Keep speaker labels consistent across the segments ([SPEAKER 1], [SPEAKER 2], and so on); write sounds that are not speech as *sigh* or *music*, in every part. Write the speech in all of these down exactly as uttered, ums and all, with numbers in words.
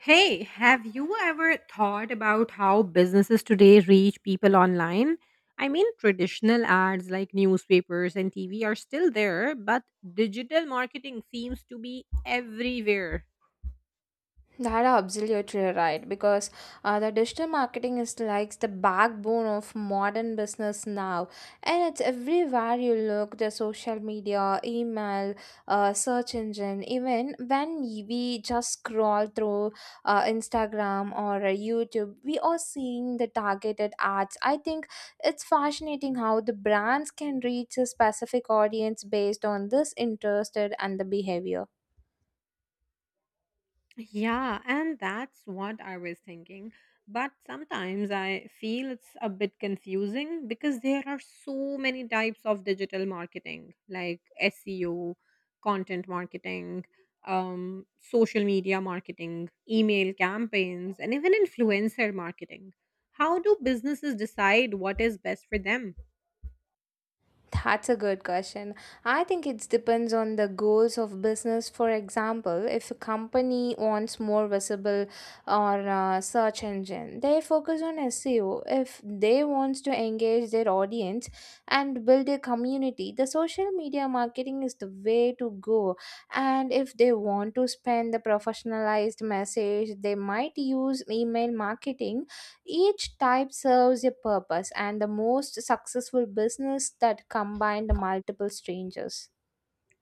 [SPEAKER 1] Hey, have you ever thought about how businesses today reach people online? I mean, traditional ads like newspapers and T V are still there, but digital marketing seems to be everywhere.
[SPEAKER 2] That are absolutely right because uh, the digital marketing is like the backbone of modern business now, and it's everywhere you look. The social media, email, uh, search engine, even when we just scroll through uh, Instagram or uh, YouTube, we are seeing the targeted ads. I think it's fascinating how the brands can reach a specific audience based on this interested and the behavior.
[SPEAKER 1] Yeah, and that's what I was thinking. But sometimes I feel it's a bit confusing because there are so many types of digital marketing, like S E O, content marketing, um, social media marketing, email campaigns, and even influencer marketing. How do businesses decide what is best for them?
[SPEAKER 2] That's a good question. I think it depends on the goals of business. For example, if a company wants more visible or uh, search engine, they focus on S E O. If they wants to engage their audience and build a community, the social media marketing is the way to go. And if they want to spend the professionalized message, they might use email marketing each type serves a purpose, and the most successful business that combine the multiple strangers.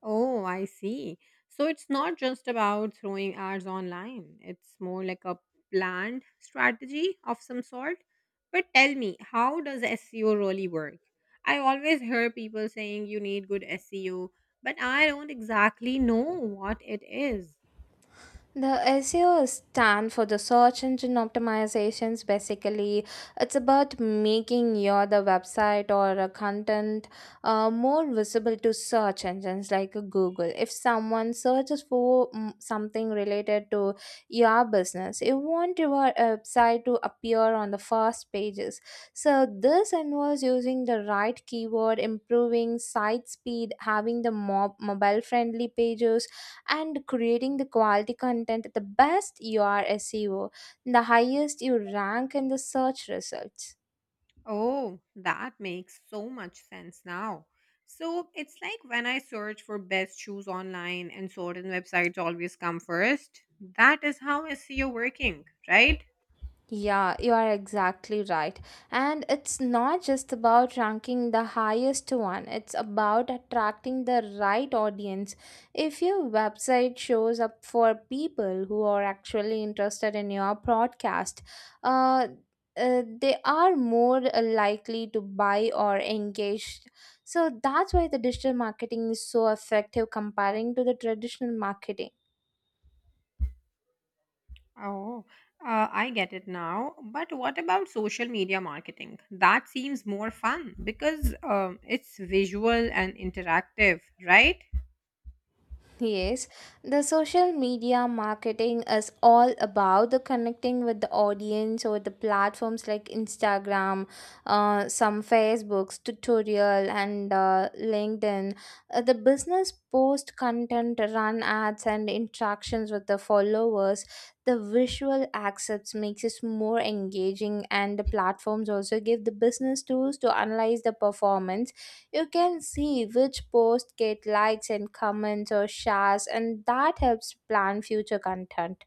[SPEAKER 1] Oh, I see. So it's not just about throwing ads online, it's more like a planned strategy of some sort. But tell me, how does S E O really work? I always hear people saying you need good S E O, but I don't exactly know what it is.
[SPEAKER 2] The S E O stand for the search engine optimizations. Basically, it's about making your the website or a content uh, more visible to search engines like Google. If someone searches for mm, something related to your business, you want your website to appear on the first pages. So this involves using the right keyword, improving site speed, having the mob- mobile friendly pages and creating the quality content the best you are S E O, the highest you rank in the search results.
[SPEAKER 1] Oh, that makes so much sense now. So it's like when I search for best shoes online and certain websites always come first. That is how S E O working, right?
[SPEAKER 2] Yeah, you are exactly right. And it's not just about ranking the highest one, it's about attracting the right audience. If your website shows up for people who are actually interested in your broadcast, uh, uh, they are more likely to buy or engage. So that's why the digital marketing is so effective comparing to the traditional marketing.
[SPEAKER 1] Oh, uh, I get it now. But what about social media marketing? That seems more fun because um, it's visual and interactive, right?
[SPEAKER 2] Yes, the social media marketing is all about the connecting with the audience or the platforms like Instagram, uh, some Facebook's tutorial and uh, LinkedIn. Uh, the business post content, run ads, and interactions with the followers. The visual access makes it more engaging, and the platforms also give the business tools to analyze the performance you can see which posts get likes and comments or shares, and that helps plan future content.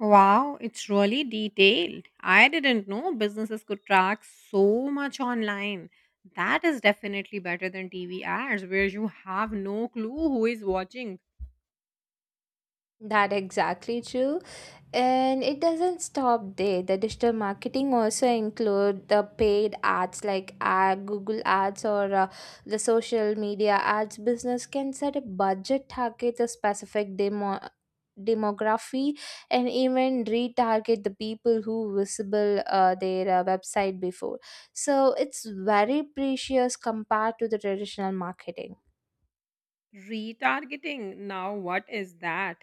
[SPEAKER 1] Wow, it's really detailed. I didn't know businesses could track so much online. That is definitely better than T V ads where you have no clue who is watching.
[SPEAKER 2] That exactly true. And it doesn't stop there. The digital marketing also include the paid ads like ad, Google ads or uh, the social media ads. Business can set a budget target, a specific demo demography and even retarget the people who visible uh, their uh, website before so it's very precious compared to the traditional marketing.
[SPEAKER 1] Retargeting. Now, what is that?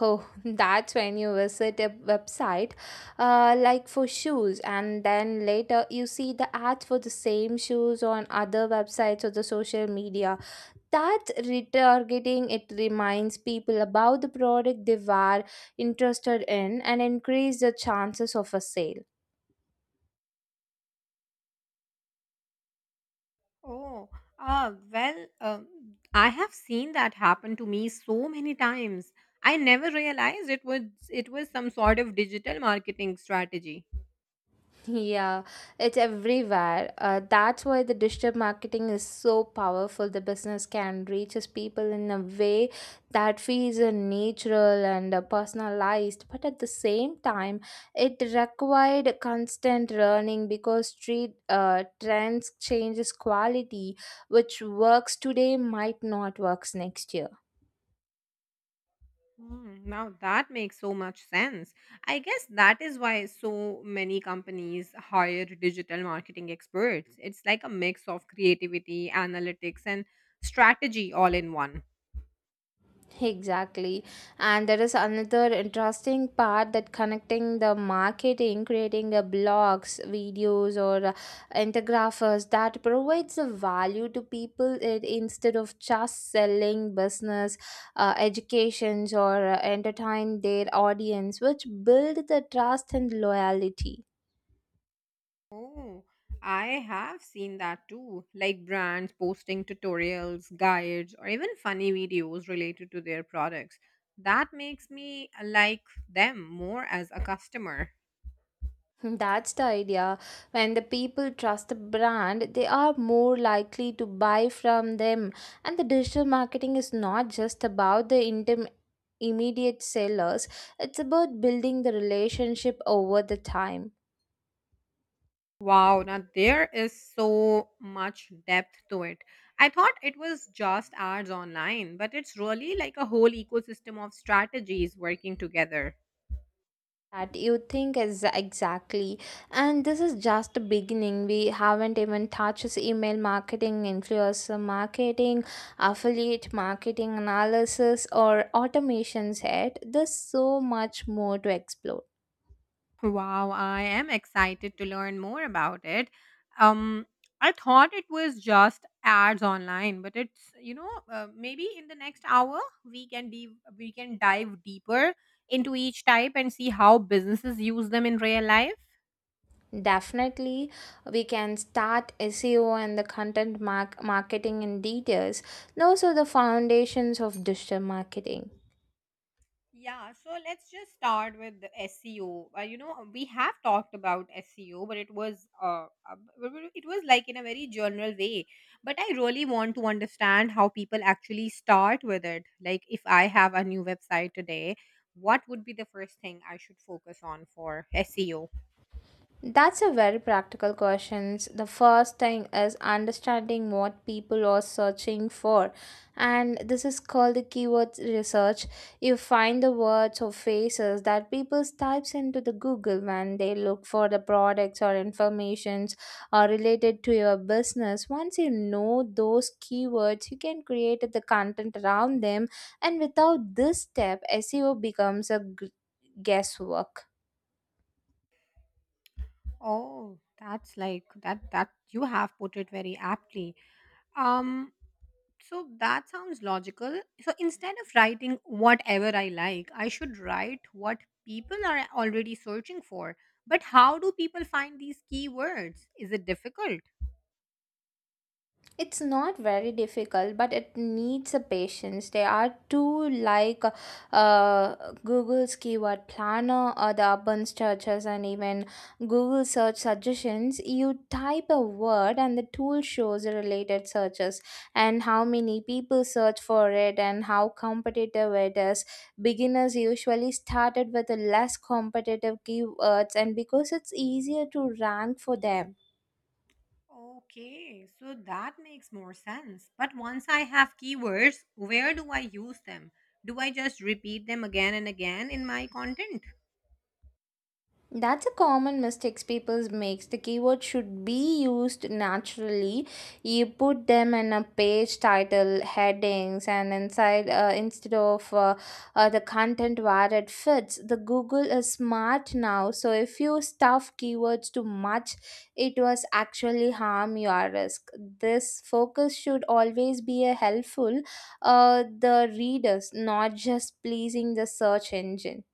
[SPEAKER 2] Oh, *laughs* that's when you visit a website uh, like for shoes, and then later you see the ads for the same shoes on other websites or the social media. That retargeting it reminds people about the product they were interested in and increase the chances of a sale.
[SPEAKER 1] Oh, uh, well, um I have seen that happen to me so many times. I never realized it was it was some sort of digital marketing strategy.
[SPEAKER 2] Yeah, it's everywhere. Uh, that's why the digital marketing is so powerful. The business can reach its people in a way that feels uh, natural and uh, personalized, but at the same time, it required constant learning because street uh, trends changes quality, which works today might not works next year.
[SPEAKER 1] Hmm, now that makes so much sense. I guess that is why so many companies hire digital marketing experts. It's like a mix of creativity, analytics, and strategy all in one.
[SPEAKER 2] Exactly. And there is another interesting part that connecting the marketing, creating a blogs, videos, or uh, infographics that provides a value to people it, instead of just selling business, uh, educations, or uh, entertain their audience, which build the trust and loyalty.
[SPEAKER 1] Oh, I have seen that too. Like brands posting tutorials, guides, or even funny videos related to their products. That makes me like them more as a customer.
[SPEAKER 2] *laughs* That's the idea. When the people trust the brand, they are more likely to buy from them. And the digital marketing is not just about the intim- immediate sellers, it's about building the relationship over the time.
[SPEAKER 1] Wow, now there is so much depth to it. I thought it was just ads online, but it's really like a whole ecosystem of strategies working together.
[SPEAKER 2] That you think is exactly and this is just the beginning we haven't even touched email marketing influencer marketing affiliate marketing analysis or automations yet there's so much more to explore.
[SPEAKER 1] Wow, I am excited to learn more about it. Um, I thought it was just ads online, but it's you know uh, maybe in the next hour we can dive we can dive deeper into each type and see how businesses use them in real life.
[SPEAKER 2] Definitely we can start SEO and the content mark- marketing in details. Those are the foundations of digital marketing.
[SPEAKER 1] Yeah, so let's just start with the S E O. Uh, you know, we have talked about S E O, but it was uh, uh, b- b- it was like in a very general way. But I really want to understand how people actually start with it. Like, if I have a new website today, what would be the first thing I should focus on for S E O?
[SPEAKER 2] That's a very practical question. The first thing is understanding what people are searching for, and this is called the keyword research. You find the words or phrases that people types into the Google when they look for the products or informations or related to your business. Once you know those keywords, you can create the content around them, and without this step, S E O becomes a g- guesswork.
[SPEAKER 1] Oh, that's like that that you have put it very aptly. Um So that sounds logical. So instead of writing whatever I like, I should write what people are already searching for. But how do people find these keywords? Is it difficult?
[SPEAKER 2] It's not very difficult, but it needs a patience. There are two like uh, Google's keyword planner or the urban searches and even Google search suggestions. You type a word and the tool shows related searches and how many people search for it and how competitive it is. Beginners usually started with the less competitive keywords and because it's easier to rank for them.
[SPEAKER 1] Okay, so that makes more sense. But once I have keywords, where do I use them? Do I just repeat them again and again in my content?
[SPEAKER 2] That's a common mistakes people makes. The keyword should be used naturally. You put them in a page title, headings, and inside uh, instead of uh, uh, the content where it fits. The Google is smart now, so if you stuff keywords too much, it was actually harm your risk. This focus should always be a helpful, uh, the readers, not just pleasing the search engine.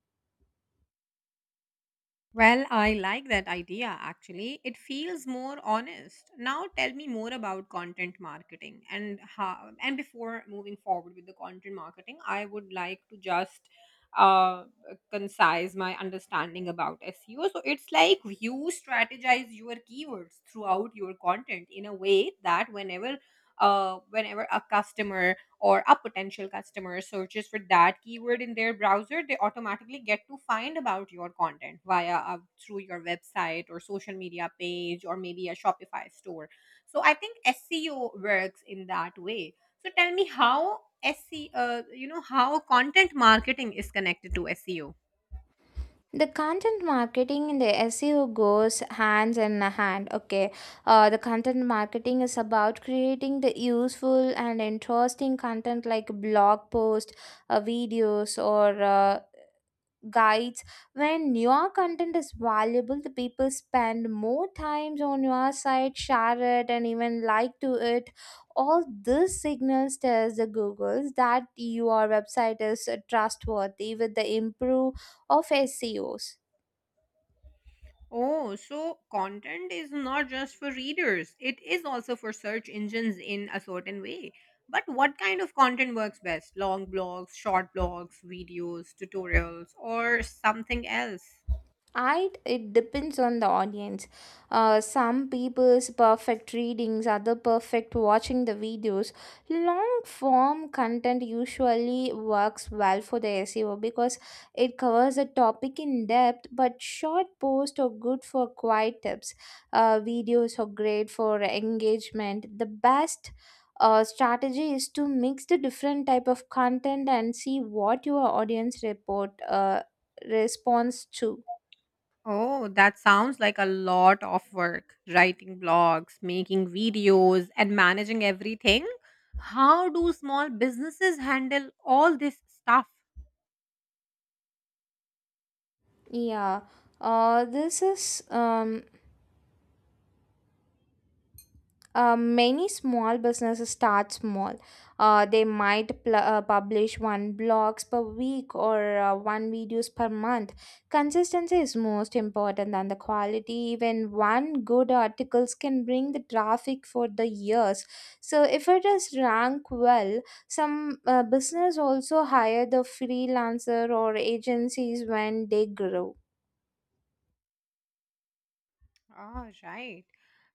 [SPEAKER 1] Well, I like that idea actually. It feels more honest. Now tell me more about content marketing and how and before moving forward with the content marketing, I would like to just uh concise my understanding about S E O. So it's like you strategize your keywords throughout your content in a way that whenever uh whenever a customer or a potential customer searches for that keyword in their browser, they automatically get to find about your content via uh, through your website or social media page or maybe a Shopify store. So I think S E O works in that way. So tell me how S E O, uh, you know, how content marketing is connected to S E O.
[SPEAKER 2] The content marketing and the SEO goes hands in hand, okay. Uh, the content marketing is about creating the useful and interesting content like blog posts, uh, videos, or uh, guides. When your content is valuable the people spend more times on your site share it and even like to it. All this signals tells the googles that your website is uh, trustworthy with the improve of SEOs.
[SPEAKER 1] Oh, so content is not just for readers, it is also for search engines in a certain way. But what kind of content works best? Long blogs, short blogs, videos, tutorials, or something else?
[SPEAKER 2] I It depends on the audience. Uh, some people's perfect readings, other perfect watching the videos. Long form content usually works well for the S E O because it covers a topic in depth. But short posts are good for quiet tips. Uh, videos are great for engagement. The best uh, strategy is to mix the different type of content and see what your audience report uh, responds to.
[SPEAKER 1] Oh, that sounds like a lot of work. Writing blogs, making videos, and managing everything. How do small businesses handle all this stuff?
[SPEAKER 2] Yeah, uh, this is um, uh, many small businesses start small. Uh, they might pl- uh, publish one blogs per week or uh, one videos per month. Consistency is most important than the quality. Even one good articles can bring the traffic for the years. So if it is rank well, some uh, business also hire the freelancer or agencies when they grow.
[SPEAKER 1] Ah, right.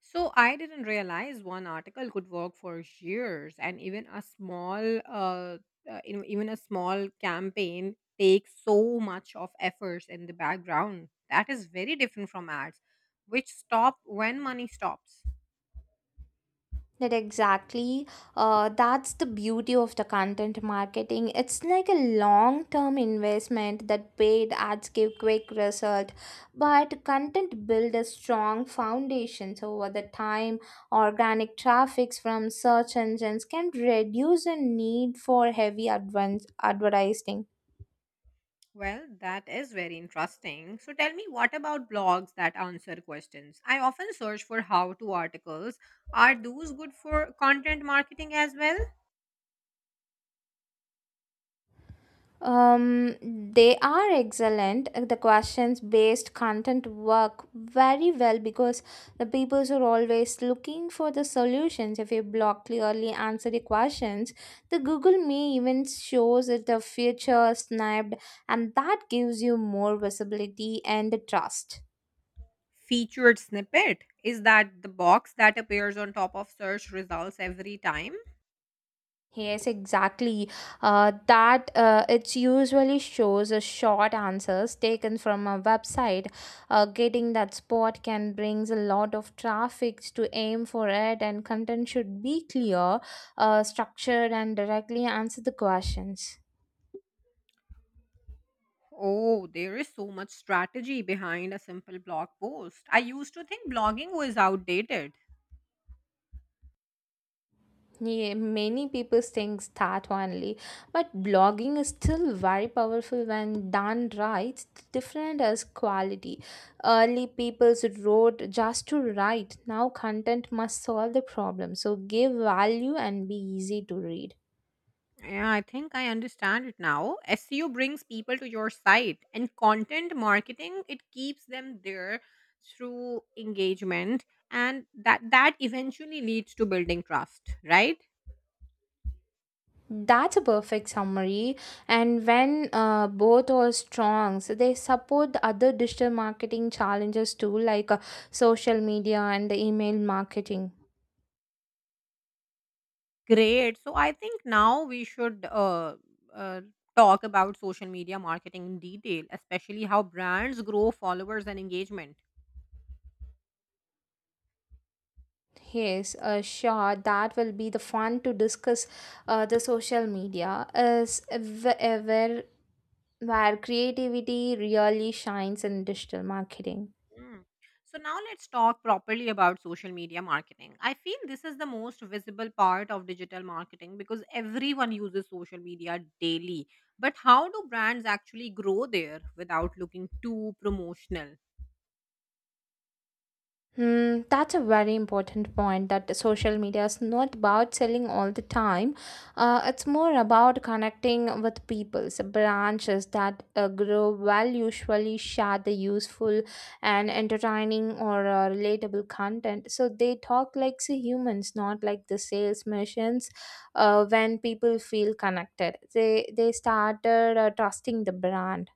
[SPEAKER 1] So I didn't realize one article could work for years, and even a small, uh, uh, you know, even a small campaign takes so much of efforts in the background. That is very different from ads, which stop when money stops.
[SPEAKER 2] That exactly. Uh, that's the beauty of the content marketing. It's like a long term investment that paid ads give quick result, but content build a strong foundation. So over the time, organic traffics from search engines can reduce the need for heavy advance advertising.
[SPEAKER 1] Well, that is very interesting. So tell me, what about blogs that answer questions? I often search for how to articles. Are those good for content marketing as well?
[SPEAKER 2] Um, they are excellent. The questions based content work very well because the peoples are always looking for the solutions. If you block clearly answer the questions, the Google may even shows it the future snapped, and that gives you more visibility and trust.
[SPEAKER 1] Featured snippet, is that the box that appears on top of search results every time?
[SPEAKER 2] Yes, exactly. Uh, that uh, it usually shows a short answers taken from a website. Uh, getting that spot can brings a lot of traffic to aim for it, and content should be clear, uh, structured, and directly answer the questions.
[SPEAKER 1] Oh, there is so much strategy behind a simple blog post. I used to think blogging was outdated.
[SPEAKER 2] Yeah, many people thinks that only, but blogging is still very powerful when done right. Different as quality. Early people wrote just to write. Now content must solve the problem. So give value and be easy to read.
[SPEAKER 1] Yeah, I think I understand it now. S E O brings people to your site, and content marketing it keeps them there through engagement, and that that eventually leads to building trust, right?
[SPEAKER 2] That's a perfect summary. And when uh, both are strong, so they support the other digital marketing challenges too, like uh, social media and the email marketing.
[SPEAKER 1] Great. So I think now we should uh, uh, talk about social media marketing in detail, especially how brands grow followers and engagement.
[SPEAKER 2] Yes, uh, sure. That will be the fun to discuss. Uh, the social media is wh- uh, where where creativity really shines in digital marketing.
[SPEAKER 1] Mm. So now let's talk properly about social media marketing. I feel this is the most visible part of digital marketing because everyone uses social media daily. But how do brands actually grow there without looking too promotional?
[SPEAKER 2] Hmm, that's a very important point that the social media is not about selling all the time. Uh, it's more about connecting with people. So branches that uh, grow well usually share the useful and entertaining or uh, relatable content. So they talk like the humans, not like the sales machines. Uh, when people feel connected, they they started uh, trusting the brand.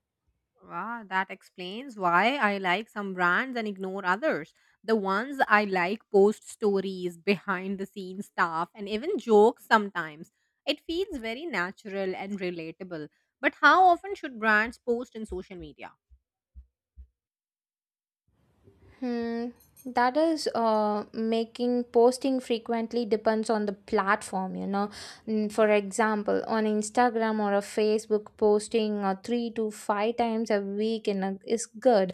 [SPEAKER 1] Ah, that explains why I like some brands and ignore others. The ones I like post stories, behind the scenes stuff, and even jokes sometimes. It feels very natural and relatable. But how often should brands post in social media?
[SPEAKER 2] Hmm, that is uh, making posting frequently depends on the platform, you know. Mm, for example, on Instagram or a Facebook, posting uh, three to five times a week in a, is good.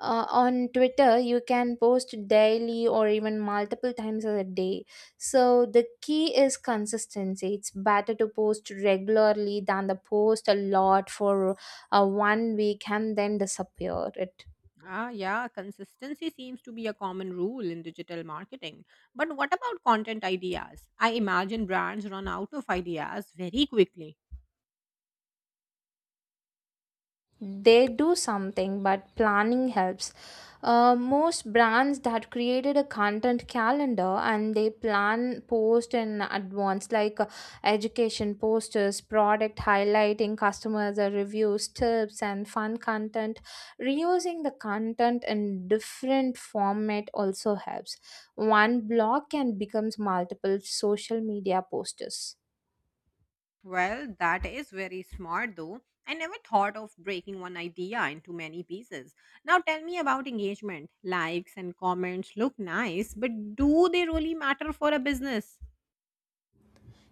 [SPEAKER 2] Uh, on Twitter, you can post daily or even multiple times a day. So the key is consistency. It's better to post regularly than the post a lot for uh, one week and then disappear. It.
[SPEAKER 1] Ah, yeah, consistency seems to be a common rule in digital marketing. But what about content ideas? I imagine brands run out of ideas very quickly.
[SPEAKER 2] They do something but planning helps. Uh, most brands that created a content calendar and they plan post in advance like uh, education posters product highlighting customers uh, reviews tips and fun content. Reusing the content in different format also helps. One blog can becomes multiple social media posters.
[SPEAKER 1] Well, that is very smart though. I never thought of breaking one idea into many pieces. Now tell me about engagement. Likes and comments look nice, but do they really matter for a business?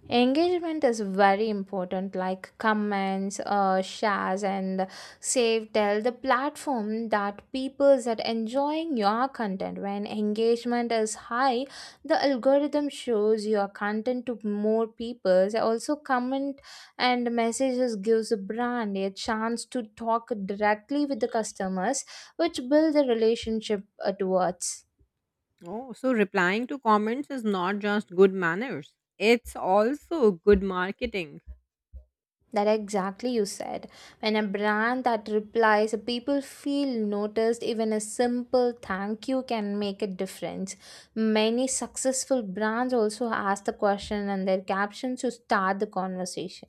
[SPEAKER 2] Engagement is very important, like comments, uh, shares, and save. Tell the platform that people that enjoying your content. When engagement is high, the algorithm shows your content to more people. Also, comment and messages gives a brand a chance to talk directly with the customers, which build the relationship uh, towards.
[SPEAKER 1] Oh, so replying to comments is not just good manners, it's also good marketing.
[SPEAKER 2] That exactly you said. When a brand that replies, people feel noticed, even a simple thank you can make a difference. Many successful brands also ask the question and their captions to start the conversation.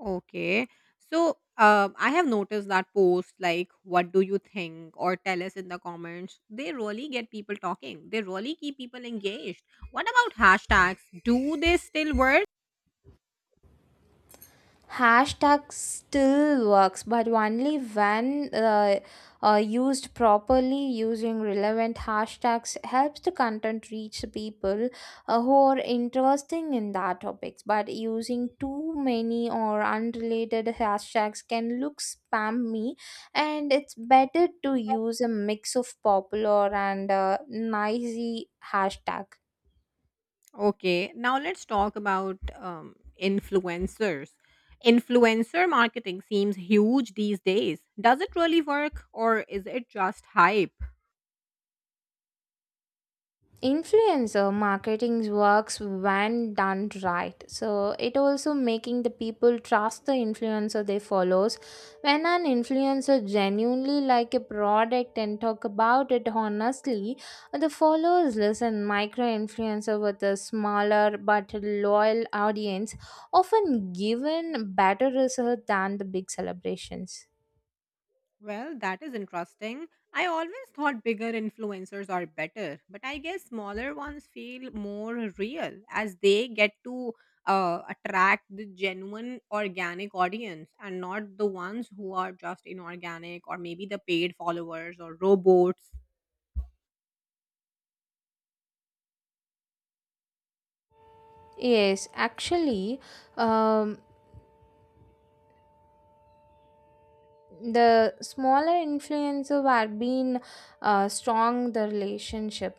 [SPEAKER 1] Okay. So uh, I have noticed that posts like, what do you think? Or tell us in the comments. They really get people talking. They really keep people engaged. What about hashtags? Do they still work?
[SPEAKER 2] Hashtag still works, but only when uh, uh, used properly. Using relevant hashtags helps the content reach the people uh, who are interesting in that topics. But using too many or unrelated hashtags can look spammy, and it's better to use a mix of popular and uh, noisy hashtag.
[SPEAKER 1] Okay. Now let's talk about um, influencers. Influencer marketing seems huge these days. Does it really work or is it just hype?
[SPEAKER 2] Influencer marketing works when done right so it also making the people trust the influencer they follows. When an influencer genuinely like a product and talk about it honestly the followers listen micro influencer with a smaller but loyal audience often given better result than the big celebrations.
[SPEAKER 1] Well, that is interesting. I always thought bigger influencers are better, but I guess smaller ones feel more real as they get to uh, attract the genuine organic audience and not the ones who are just inorganic or maybe the paid followers or robots.
[SPEAKER 2] Yes, actually, um, the smaller influencer have been uh, strong the relationship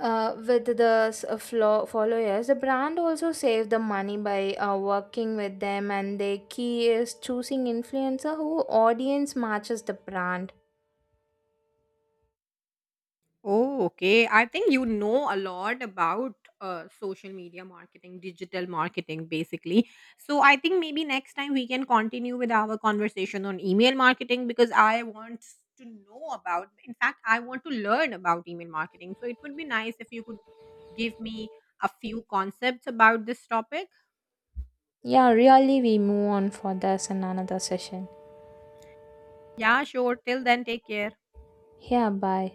[SPEAKER 2] uh, with the s- uh, flo- followers the brand also save the money by uh, working with them and the key is choosing influencer who audience matches the brand.
[SPEAKER 1] Oh, okay. I think you know a lot about uh, social media marketing, digital marketing, basically. So I think maybe next time we can continue with our conversation on email marketing because I want to know about, in fact, I want to learn about email marketing. So it would be nice if you could give me a few concepts about this topic.
[SPEAKER 2] Yeah really we move on for this in another session.
[SPEAKER 1] Yeah, sure. Till then, take care.
[SPEAKER 2] Yeah bye.